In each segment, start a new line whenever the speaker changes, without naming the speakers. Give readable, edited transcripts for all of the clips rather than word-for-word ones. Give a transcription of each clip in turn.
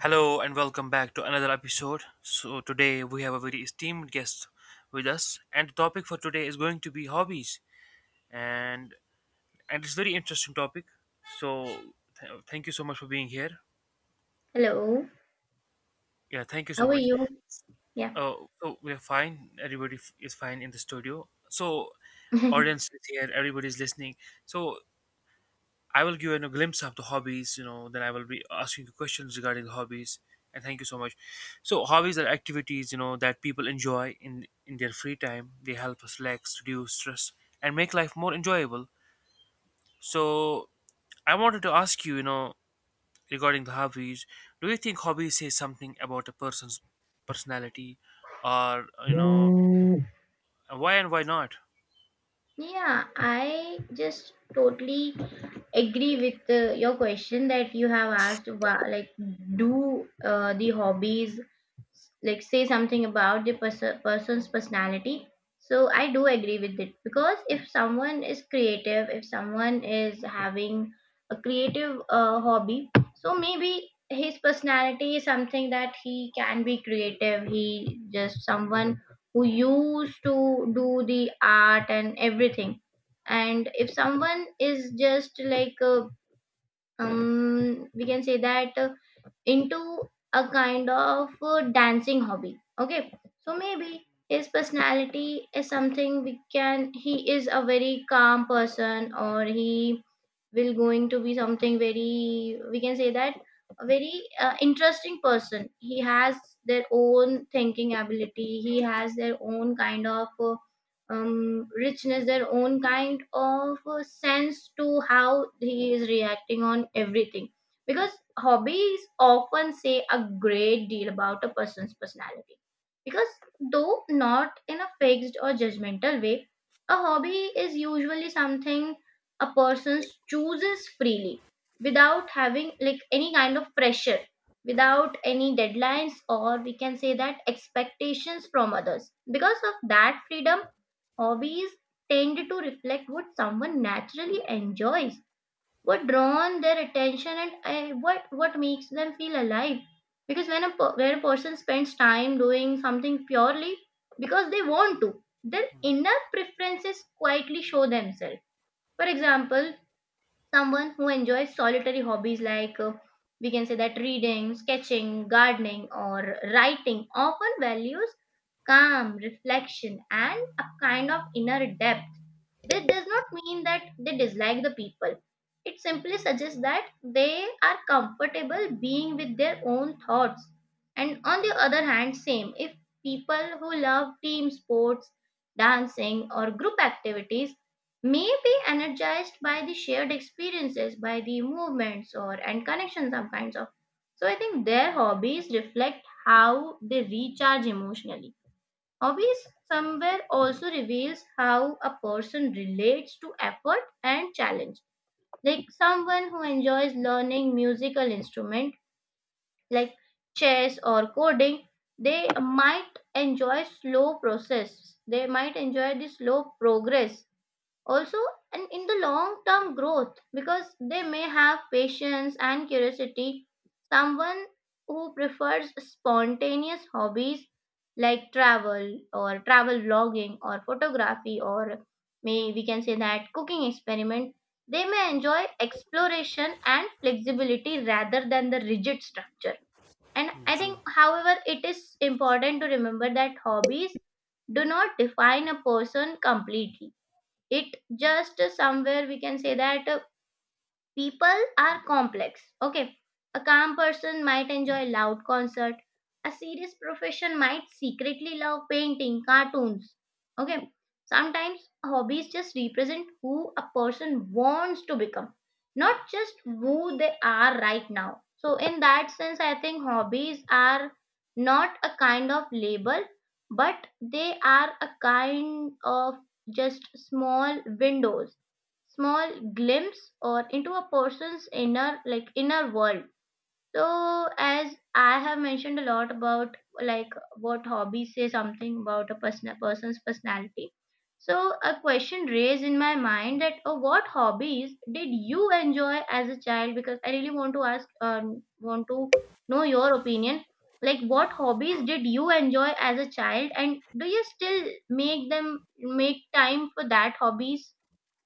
Hello and welcome back to another episode. So today we have a very esteemed guest with us, and the topic for today is going to be hobbies and and it's very interesting topic. So thank you so much for being here.
Hello,
Yeah, thank you so
how are
much.
you? Yeah.
So we're fine. Everybody is fine in the studio. So audience is here. Everybody's listening. So I will give you a glimpse of the hobbies, you know, then I will be asking you questions regarding the hobbies. And thank you so much. So hobbies are activities, you know, that people enjoy in their free time. They help us relax, reduce stress, and make life more enjoyable. So I wanted to ask you, you know, regarding the hobbies, do you think hobbies say something about a person's personality or you know
Mm,
why and why not?
Yeah, I just totally agree with your question that you have asked about like do the hobbies like say something about the person's personality. So I do agree with it because if someone is creative, if someone is having a creative hobby, so maybe his personality is something that he can be creative. He just someone who used to do the art and everything. And if someone is just like we can say that into a kind of dancing hobby, okay, so maybe his personality is something, we can, he is a very calm person, or he will going to be something very, we can say that, a very interesting person. He has their own thinking ability, he has their own kind of richness, their own kind of sense to how he is reacting on everything, because hobbies often say a great deal about a person's personality, because though not in a fixed or judgmental way, a hobby is usually something a person chooses freely without having like any kind of pressure, without any deadlines, or we can say that expectations from others. Because of that freedom, hobbies tend to reflect what someone naturally enjoys, what drawn their attention, and what makes them feel alive, because when when a person spends time doing something purely because they want to, their inner preferences quietly show themselves. For example, someone who enjoys solitary hobbies, like we can say that, reading, sketching, gardening, or writing often values calm, reflection, and a kind of inner depth. This does not mean that they dislike the people. It simply suggests that they are comfortable being with their own thoughts. And on the other hand, same, if people who love team sports, dancing, or group activities, may be energized by the shared experiences, by the movements or and connections some kinds of. So I think their hobbies reflect how they recharge emotionally. Hobbies somewhere also reveals how a person relates to effort and challenge. Like someone who enjoys learning musical instrument like chess or coding, they might enjoy slow process. They might enjoy the slow progress also, and in the long term growth, because they may have patience and curiosity. Someone who prefers spontaneous hobbies like travel or travel vlogging or photography, or may, we can say that, cooking experiment, they may enjoy exploration and flexibility rather than the rigid structure. And
Hmm,
I
true.
think however it is important to remember that hobbies do not define a person completely. It just somewhere, we can say that, people are complex. Okay. A calm person might enjoy loud concert. A serious profession might secretly love painting, cartoons. Okay. Sometimes hobbies just represent who a person wants to become, not just who they are right now. So, in that sense, I think hobbies are not a kind of label, but they are a kind of just small windows, small glimpse or into a person's inner, like, inner world. So as I have mentioned a lot about like what hobbies say something about a person's personality. So a question raised in my mind that what hobbies did you enjoy as a child? Because I really want to ask, want to know your opinion. Like, what hobbies did you enjoy as a child, and do you still make them, make time for that hobbies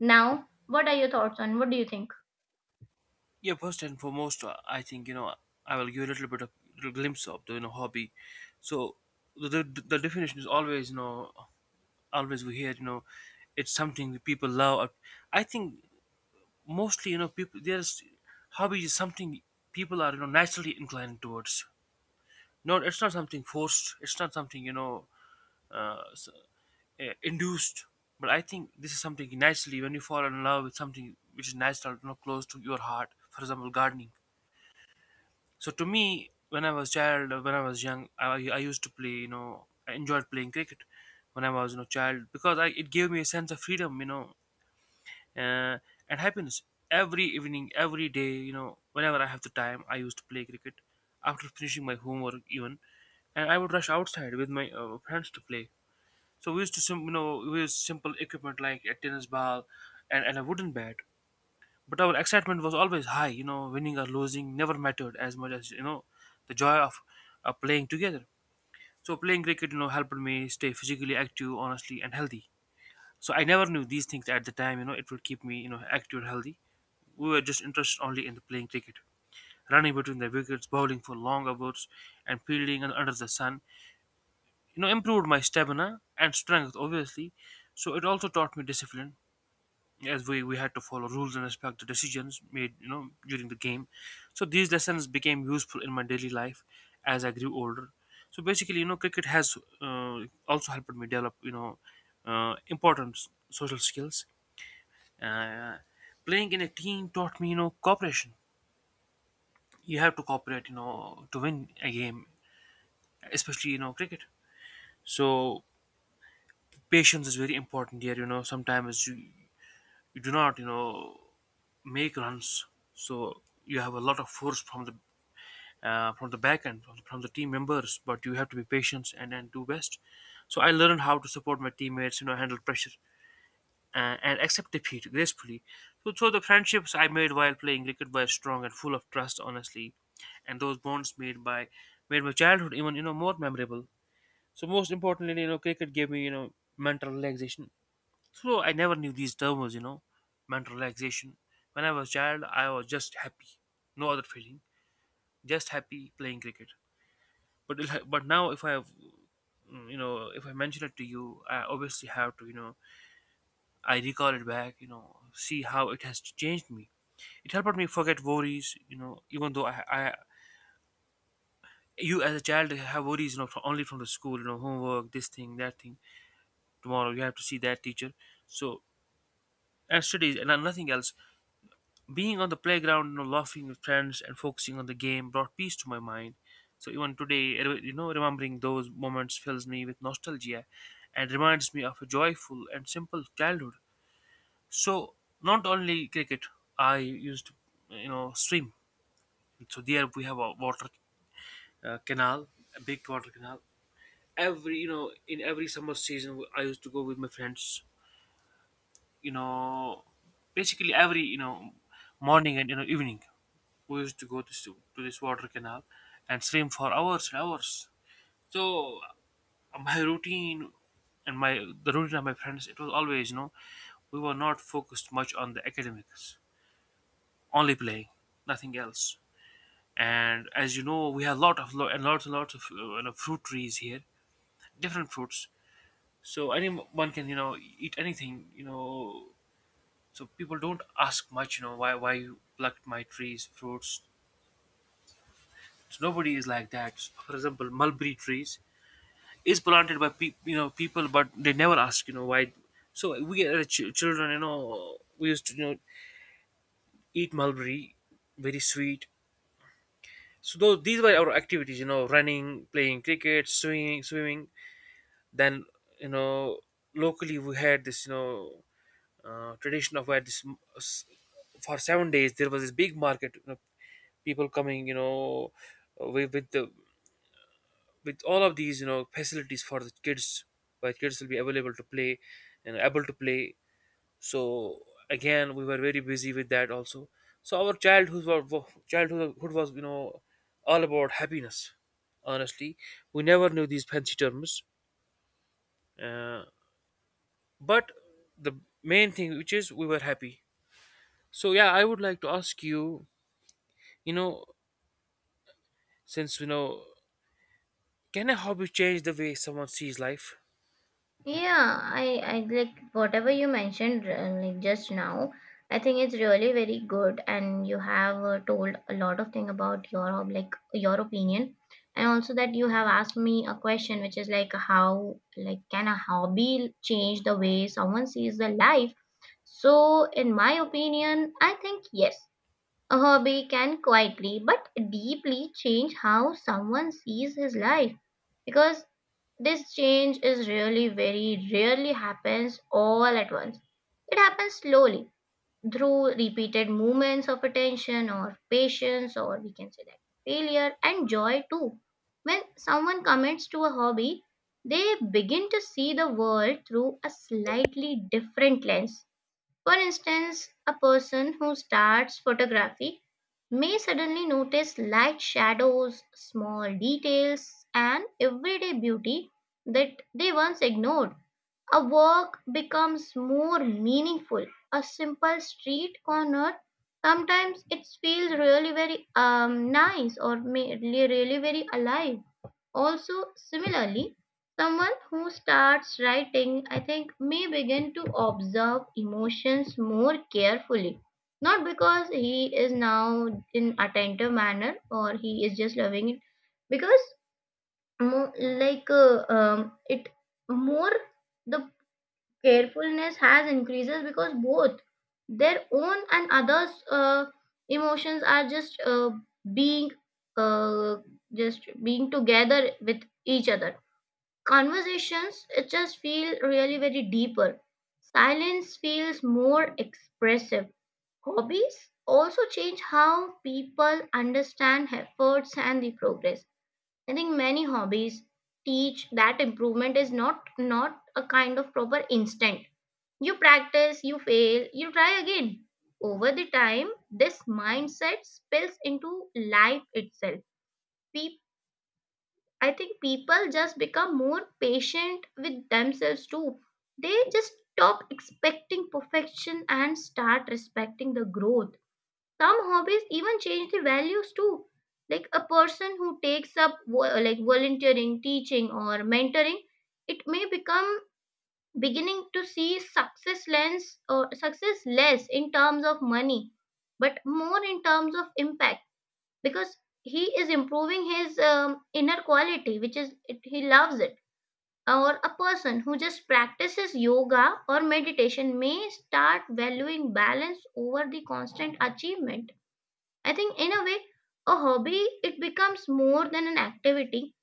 now? What are your thoughts on? What do you think?
Yeah, first and foremost, I think you know I will give a little bit of little glimpse of the you know hobby. So the definition is always you know always we hear you know it's something that people love. I think mostly you know people there's hobby is something people are you know naturally inclined towards. No, it's not something forced. It's not something you know uh, s- induced. But I think this is something naturally when you fall in love with something which is natural, you know, close to your heart. For example, gardening. So to me, when I was child, when I was young, I used to play. You know, I enjoyed playing cricket when I was you know child because I, it gave me a sense of freedom. You know, uh, and happiness. Every evening, every day, you know, whenever I have the time, I used to play cricket. After finishing my homework, even, and I would rush outside with my friends to play. So we used to, you know, we used simple equipment like a tennis ball and a wooden bat. But our excitement was always high, you know, winning or losing never mattered as much as, you know, the joy of playing together. So playing cricket, you know, helped me stay physically active, honestly, and healthy. So I never knew these things at the time, you know, it would keep me, you know, active and healthy. We were just interested only in the playing cricket. Running between the wickets, bowling for long hours, and fielding and under the sun, you know, improved my stamina and strength, obviously. So it also taught me discipline as we had to follow rules and respect the decisions made you know during the game. So these lessons became useful in my daily life as I grew older. So basically you know cricket has also helped me develop you know important social skills. uh, Playing in a team taught me you know cooperation. You have to cooperate you know to win a game, especially you know cricket. So patience is very important here, you know, sometimes you do not you know make runs. So you have a lot of force from the back end, from the team members, but you have to be patient and do best. So I learned how to support my teammates, you know, handle pressure and accept defeat gracefully. So, so the friendships I made while playing cricket were strong and full of trust, honestly, and those bonds made my childhood even you know more memorable. So most importantly, you know, cricket gave me you know mental relaxation. So I never knew these terms, you know, mental relaxation. When I was child, I was just happy, no other feeling, just happy playing cricket. But now, if I have, you know, if I mention it to you, I obviously have to, you know, I recall it back, you know, see how it has changed me. It helped me forget worries, you know, even though I you as a child have worries, you know, from, only from the school, you know, homework, this thing, that thing. Tomorrow you have to see that teacher. So and studies and nothing else. Being on the playground, you know, laughing with friends and focusing on the game brought peace to my mind. So even today, you know, remembering those moments fills me with nostalgia and reminds me of a joyful and simple childhood. So not only cricket, I used to, you know, swim. So there we have a water canal, a big water canal. Every, you know, in every summer season, I used to go with my friends. You know, basically every, you know, morning and you know evening. We used to go to, to this water canal and swim for hours and hours. So my routine and my the routine of my friends, it was always, you know, we were not focused much on the academics, only playing, nothing else. And as you know, we have a lot of lo- and lots of you know, fruit trees here, different fruits. So anyone can, you know, eat anything, you know. So people don't ask much, you know, why you plucked my trees, fruits. So nobody is like that. For example, mulberry trees is planted by you know people, but they never ask you know why. So we as children, you know, we used to you know eat mulberry, very sweet. So those these were our activities, you know, running, playing cricket, swimming. Then you know locally we had this you know tradition of where this for 7 days there was this big market, you know, people coming, you know, with, with the with all of these you know facilities for the kids where kids will be available to play and able to play. So again we were very busy with that also. So our childhood was you know all about happiness, honestly. We never knew these fancy terms, uh, but the main thing which is we were happy. So yeah, I would like to ask you, you know, since you know, can a hobby change the way someone sees life?
Yeah, I like whatever you mentioned like just now. I think it's really very good, and you have told a lot of thing about your like your opinion, and also that you have asked me a question, which is like, how, like, can a hobby change the way someone sees the life? So, in my opinion, I think yes, a hobby can quietly but deeply change how someone sees his life, because this change is really very rarely happens all at once. It happens slowly through repeated movements of attention or patience, or we can say that failure and joy too. When someone commits to a hobby, they begin to see the world through a slightly different lens. For instance, a person who starts photography may suddenly notice light shadows, small details, and everyday beauty that they once ignored. A walk becomes more meaningful. A simple street corner, sometimes it feels really very nice, or may, really really very alive. Also, similarly, someone who starts writing, I think, may begin to observe emotions more carefully. Not because he is now in attentive manner or he is just loving it, because more like it more, the carefulness has increases, because both their own and others emotions are just being uh, just being together with each other. Conversations, it just feel really very deeper. Silence feels more expressive. Hobbies also change how people understand efforts and the progress. I think many hobbies teach that improvement is not a kind of proper instant. You practice, you fail, you try again. Over the time, this mindset spills into life itself. Pe- I think people just become more patient with themselves too. They just stop expecting perfection and start respecting the growth. Some hobbies even change the values too. Like a person who takes up like volunteering, teaching, or mentoring, it may become beginning to see success lens, or success less in terms of money but more in terms of impact, because he is improving his inner quality which is it, he loves it. Or a person who just practices yoga or meditation may start valuing balance over the constant achievement. I think in a way, a hobby it becomes more than an activity.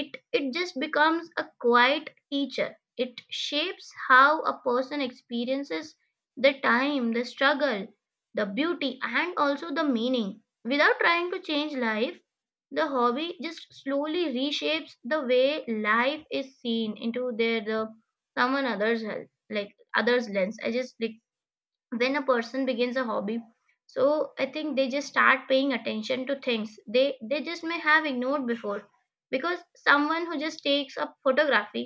It just becomes a quiet teacher. It shapes how a person experiences the time, the struggle, the beauty, and also the meaning. Without trying to change life, the hobby just slowly reshapes the way life is seen into their the someone other's help, like others lens. I just like when a person begins a hobby, so I think they just start paying attention to things they just may have ignored before, because someone who just takes up photography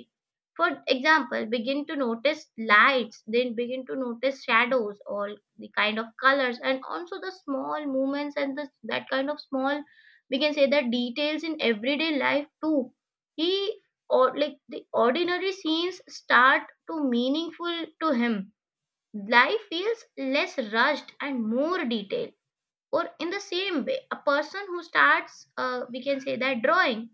for example begin to notice lights, then begin to notice shadows, or the kind of colors, and also the small movements, and that kind of small, we can say, the details in everyday life too. He, or like the ordinary scenes start to meaningful to him. Life feels less rushed and more detailed. Or in the same way, a person who starts, we can say that, drawing,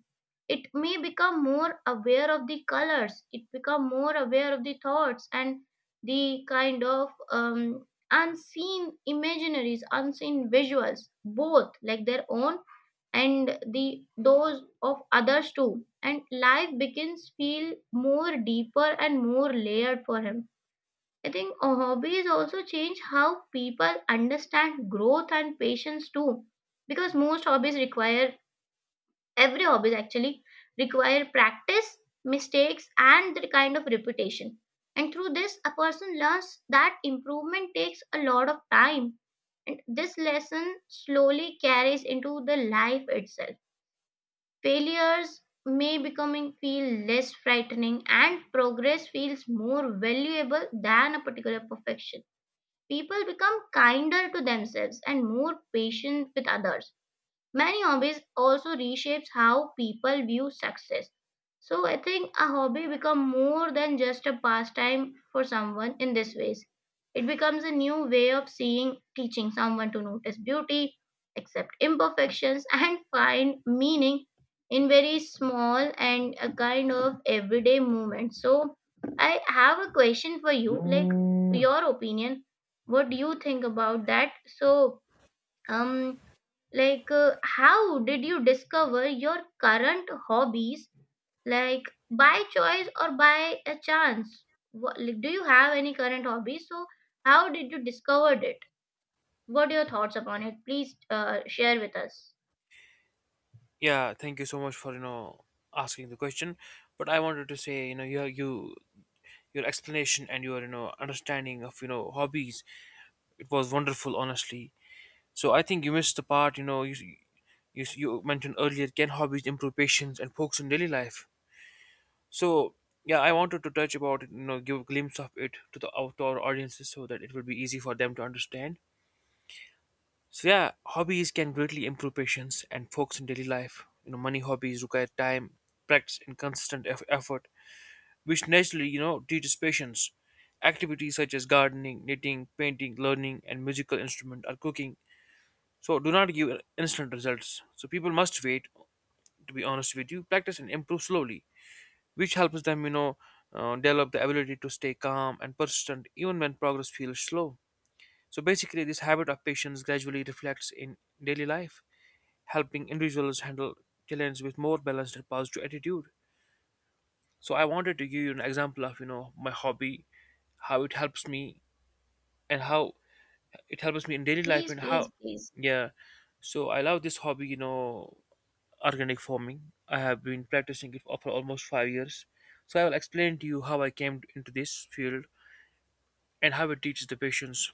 it may become more aware of the colors. It become more aware of the thoughts and the kind of unseen imaginaries, unseen visuals, both like their own and the those of others too. And life begins feel more deeper and more layered for him. I think hobbies also change how people understand growth and patience too. Because most hobbies require, every hobbies actually require practice, mistakes, and the kind of reputation. And through this, a person learns that improvement takes a lot of time. And this lesson slowly carries into the life itself. Failures may becoming feel less frightening, and progress feels more valuable than a particular perfection. People become kinder to themselves and more patient with others. Many hobbies also reshapes how people view success. So I think a hobby become more than just a pastime for someone in this ways. It becomes a new way of seeing, teaching someone to notice beauty, accept imperfections, and find meaning in very small and a kind of everyday movement. So I have a question for you, like your opinion. What do you think about that? So um like, how did you discover your current hobbies? Like, by choice or by a chance? Like, do you have any current hobbies? So, how did you discovered it? What are your thoughts upon it? Please share with us.
Yeah, thank you so much for you know asking the question. But I wanted to say you know your explanation and your you know understanding of you know hobbies, it was wonderful, honestly. So I think you missed the part, you know, you mentioned earlier, can hobbies improve patience and focus in daily life. So yeah, I wanted to touch about it, you know, give a glimpse of it to the outdoor audiences so that it will be easy for them to understand. So yeah, hobbies can greatly improve patience and focus in daily life. You know, money, hobbies require time, practice, and consistent effort, which naturally, you know, teaches patience. Activities such as gardening, knitting, painting, learning, and musical instrument or cooking so do not give instant results. So people must wait. To be honest with you, practice and improve slowly, which helps them, you know, develop the ability to stay calm and persistent even when progress feels slow. So basically, this habit of patience gradually reflects in daily life, helping individuals handle challenges with more balanced and positive attitude. So I wanted to give you an example of you know my hobby, how it helps me, and how it helps me in daily life,
Please,
and how
please, please.
yeah. So I love this hobby, you know, organic farming. I have been practicing it for almost 5 years. So I will explain to you how I came into this field and how it teaches the patience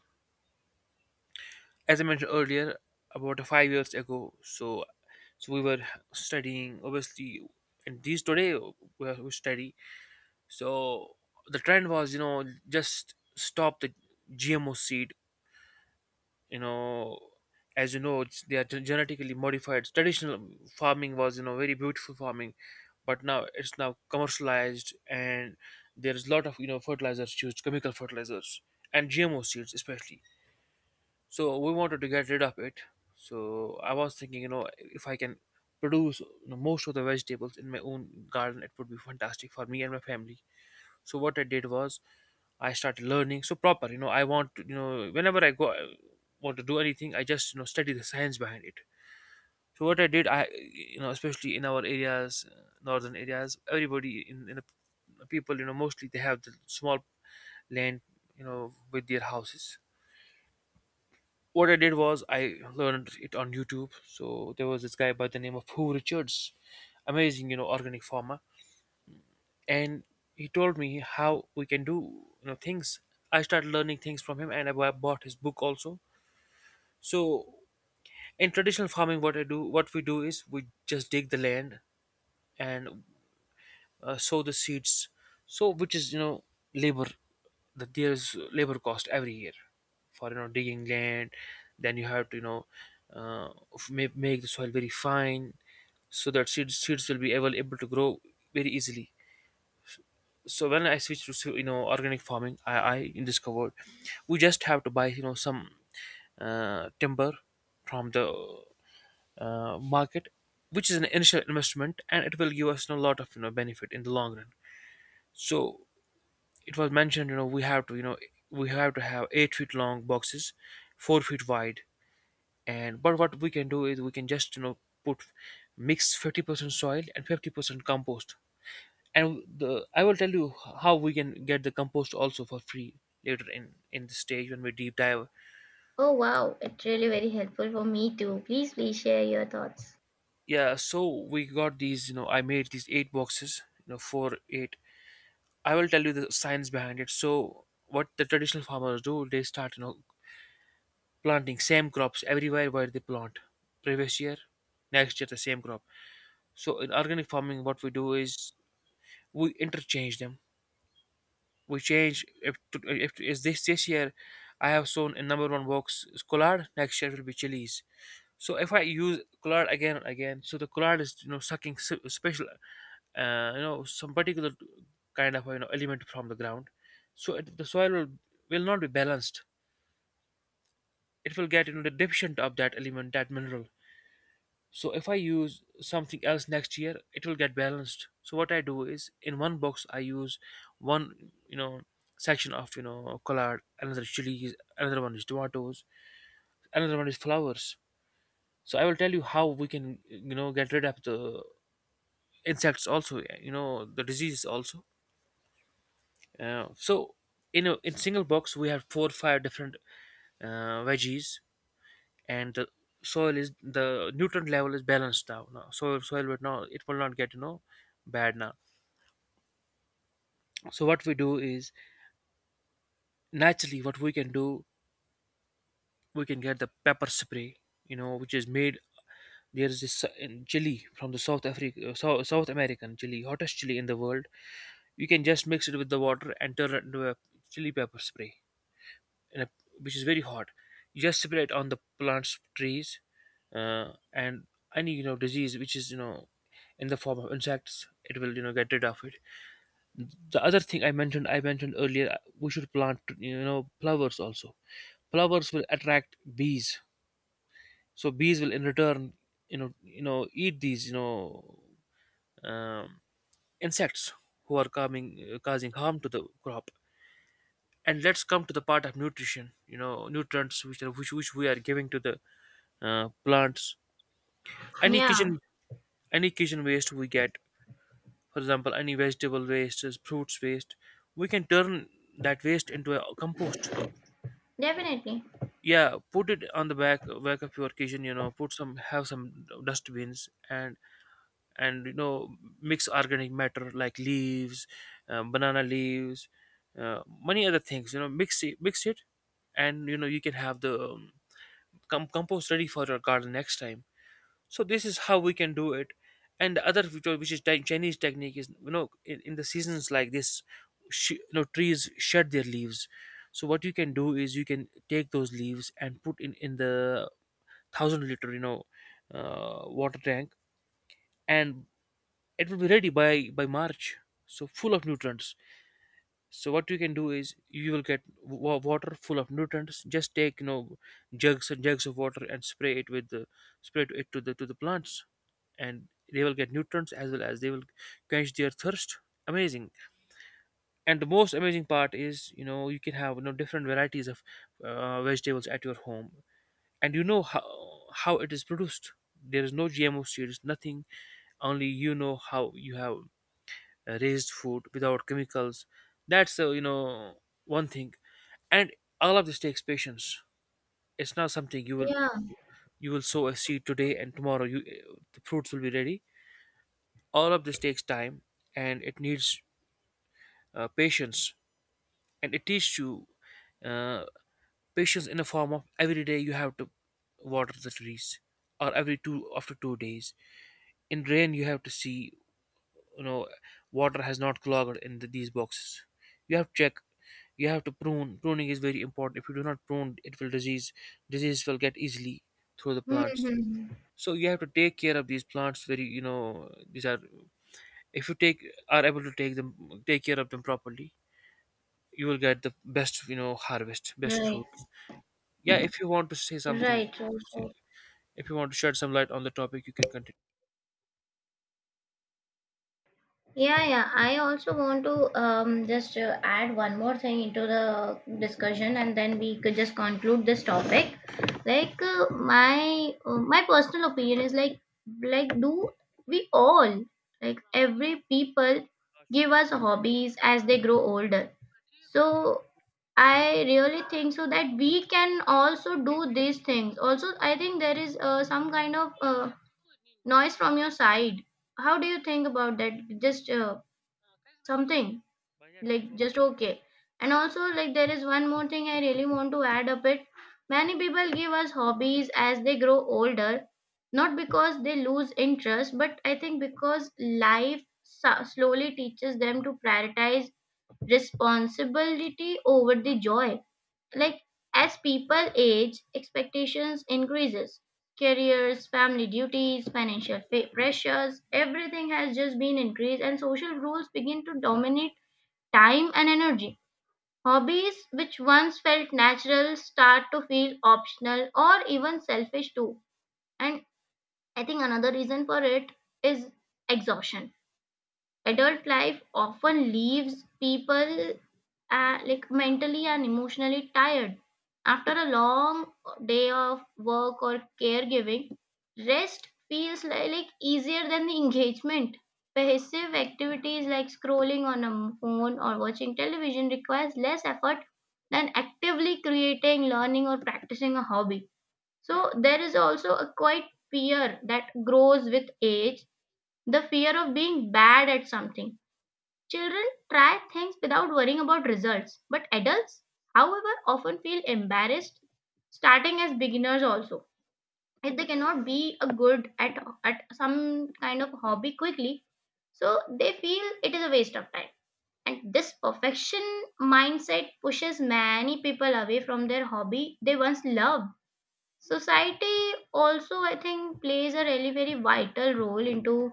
as I mentioned earlier, about 5 years ago. So, so we were studying obviously, and these today we study. So the trend was, you know, just stop the GMO seed. You know, as you know, it's, they are genetically modified. Traditional farming was, you know, very beautiful farming, but now it's now commercialized, and there is a lot of you know fertilizers used, chemical fertilizers, and GMO seeds especially. So we wanted to get rid of it. So I was thinking you know if I can produce you know, most of the vegetables in my own garden, it would be fantastic for me and my family. So what I did was I started learning. So proper you know I want to you know whenever I go, I want to do anything, I just you know study the science behind it. So what I did, I you know especially in our areas, northern areas, everybody in the people you know mostly they have the small land, you know, with their houses. What I did was I learned it on YouTube. So there was this guy by the name of Who Richards, amazing, you know, organic farmer, and he told me how we can do things. I started learning things from him, and I bought his book also. So in traditional farming, what we do is we just dig the land, and sow the seeds, so which is, you know, labor. That There is labor cost every year for, you know, digging land. Then you have to, you know, make the soil very fine so that seeds will be able to grow very easily. So when I switched to you know, organic farming, I discovered we just have to buy, you know, some timber from the market, which is an initial investment and it will give us a lot of, you know, benefit in the long run. So it was mentioned, you know, we have to have 8 feet long boxes, 4 feet wide. And but what we can do is we can just, you know, put mix 50% soil and 50% compost. And the, I will tell you how we can get the compost also for free later in the stage when we deep dive.
Oh wow, it's really very helpful for me too. Please, please share your thoughts.
Yeah, so we got these, you know, I made these 8 boxes, you know, four eight. I will tell you the science behind it. So what the traditional farmers do, they start, you know, planting same crops everywhere where they plant previous year, next year the same crop. So in organic farming what we do is we interchange them. We change if is, this year I have sown in number one box is collard, next year will be chilies. So if I use collard again and again, so the collard is, you know, sucking special you know, some particular kind of, you know, element from the ground. So the soil will not be balanced. It will get, you know, the deficient of that element, that mineral. So if I use something else next year, it will get balanced. So what I do is in one box I use one, you know, section of, you know, collard, another chilies, another one is tomatoes, another one is flowers. So I will tell you how we can, you know, get rid of the insects also, yeah, you know, the diseases also. So in a, in single box we have four five different veggies, and the soil is, the nutrient level is balanced now. Soil soil will now it will not get, you know, bad now. So what we do is, naturally, what we can do, we can get the pepper spray, you know, which is made. There is this, in chili from the south American chili, hottest chili in the world. You can just mix it with the water and turn it into a chili pepper spray, in a, which is very hot. You just spray it on the plants, trees, and any, you know, disease which is, you know, in the form of insects, it will, you know, get rid of it. The other thing, I mentioned earlier, we should plant, you know, flowers also. Flowers will attract bees. So bees will in return, you know, eat these, you know, um, insects who are coming, causing harm to the crop. And let's come to the part of nutrition, you know, nutrients which are, which we are giving to the plants. any
Yeah,
kitchen any kitchen waste we get, for example, any vegetable waste, fruits waste, we can turn that waste into a compost.
definitely.
Yeah, put it on the back of your kitchen, you know, put some, have some dustbins, and you know, mix organic matter like leaves, banana leaves, many other things, you know, mix it. And you know, you can have the compost ready for your garden next time. So this is how we can do it. And the other, which is Chinese technique is, you know, in the seasons like this, you know, trees shed their leaves. So what you can do is you can take those leaves and put in the 1,000 liter, you know, water tank, and it will be ready by March. So full of nutrients. So what you can do is you will get water full of nutrients. Just take, you know, jugs and jugs of water and spray it to the plants, and they will get nutrients as well as they will quench their thirst. Amazing. And the most amazing part is, you know, you can have, you know, different varieties of vegetables at your home. And you know how it is produced. There is no gmo seeds, nothing, only, you know, how you have raised food without chemicals. That's, one thing. And all of this takes patience. It's not something you will,
Yeah.
you will sow a seed today and tomorrow you, the fruits will be ready. All of this takes time, and it needs patience. And it teaches you uh, patience in the form of every day you have to water the trees, or every 2 days. In rain you have to see, you know, water has not clogged in these boxes. You have to check. You have to prune. Pruning is very important. If you do not prune, it will disease, disease will get easily through the plants.
Hmm.
So you have to take care of these plants very, you know, these are, if you take are able to take care of them properly, you will get the best, you know, harvest, best
Right.
fruits. Yeah, if you want to say something,
Right. Right. Right.
if you want to shed some light on the topic, you can continue.
Yeah, yeah. I also want to just add one more thing into the discussion, and then we could just conclude this topic. Like my personal opinion is like do we all, like every people give us hobbies as they grow older. So I really think so that we can also do these things. Also, I think there is some kind of noise from your side. How do you think about that? Just something
But yeah.
like just okay. And also like there is one more thing I really want to add up it. Many people give us hobbies as they grow older, not because they lose interest, but I think because life slowly teaches them to prioritize responsibility over the joy. Like as people age, expectations increases, careers, family duties, pressures, everything has just been increased, and social rules begin to dominate time and energy. Hobbies which once felt natural start to feel optional or even selfish too. And I think another reason for it is exhaustion. Adult life often leaves people like mentally and emotionally tired after a long day of work or caregiving. Rest feels like easier than the engagement. Passive activities like scrolling on a phone or watching television requires less effort than actively creating, learning or practicing a hobby. So there is also a quite fear that grows with age, the fear of being bad at something. Children try things without worrying about results, but adults, however, often feel embarrassed starting as beginners also. If they cannot be a good at some kind of hobby quickly, so they feel it is a waste of time. And this perfection mindset pushes many people away from their hobby they once loved. Society also, I think, plays a really very vital role into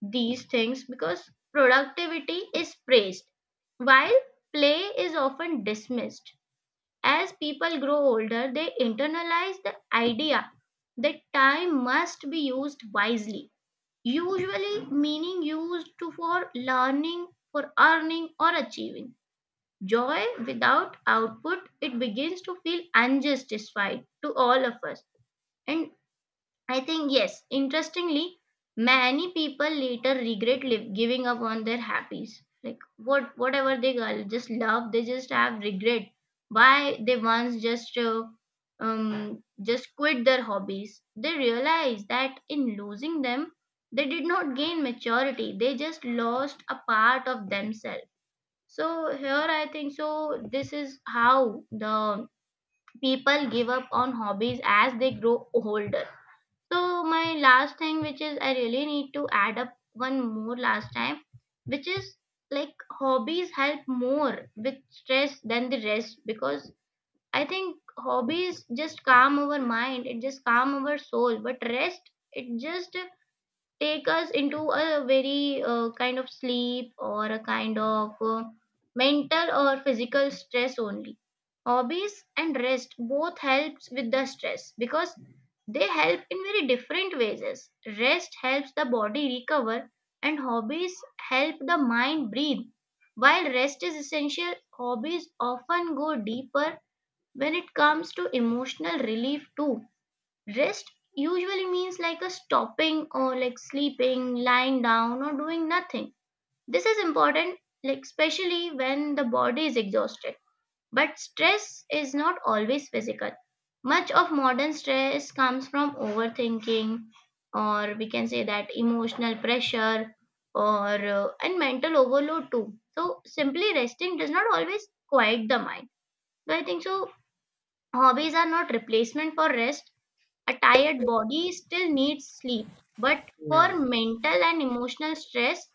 these things, because productivity is praised while play is often dismissed. As people grow older, they internalize the idea that time must be used wisely, usually meaning used to for learning, for earning or achieving. Joy without output, it begins to feel unjustified to all of us. And I think yes. Interestingly, many people later regret giving up on their hobbies. Like whatever just love, they just have regret why they once just quit their hobbies. They realize that in losing them, they did not gain maturity. They just lost a part of themselves. So here I think so. This is how the people give up on hobbies as they grow older. So my last thing, which is I really need to add up one more last time, which is like hobbies help more with stress than the rest. Because I think hobbies just calm our mind, it just calm our soul, but rest, it just take us into a very kind of sleep or a kind of mental or physical stress only. Hobbies and rest both helps with the stress because they help in very different ways. Rest helps the body recover and hobbies help the mind breathe. While rest is essential, hobbies often go deeper when it comes to emotional relief too. Rest usually means like a stopping or like sleeping, lying down, or doing nothing. This is important, like especially when the body is exhausted. But stress is not always physical. Much of modern stress comes from overthinking, or we can say that emotional pressure, or and mental overload too. So simply resting does not always quiet the mind. So I think so, hobbies are not replacement for rest. A tired body still needs sleep, but
Hmm.
for mental and emotional stress,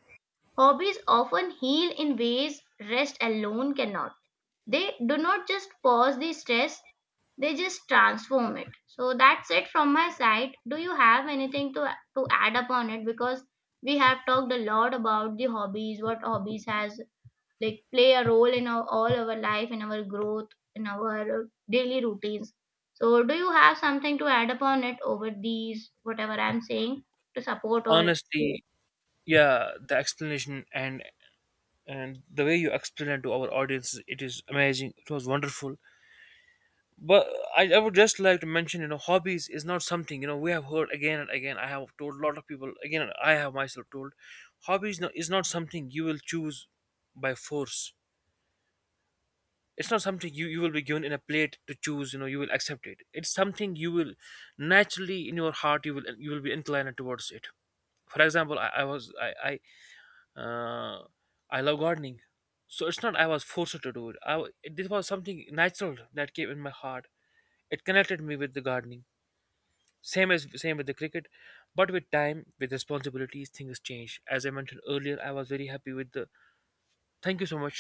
hobbies often heal in ways rest alone cannot. They do not just pause the stress, they just transform it. So that's it from my side. Do you have anything to add upon it? Because we have talked a lot about the hobbies, what hobbies has like play a role in our, all our life, in our growth, in our daily routines. So do you have something to add upon it, over these whatever I'm saying, to support or
Honestly, yeah, the explanation and the way you explain it to our audience, it is amazing. It was wonderful. But I would just like to mention, you know, hobbies is not something, you know, we have heard again and again. I have told a lot of people again. I have myself told, hobbies no, is not something you will choose by force. It's not something you will be given in a plate to choose. You know, you will accept it. It's something you will naturally, in your heart, you will be inclined towards it. For example, I was uh, I love gardening. So it's not I was forced to do it. This was something natural that came in my heart. It connected me with the gardening. Same with the cricket. But with time, with responsibilities, things change. As I mentioned earlier, I was very happy with the, thank you so much.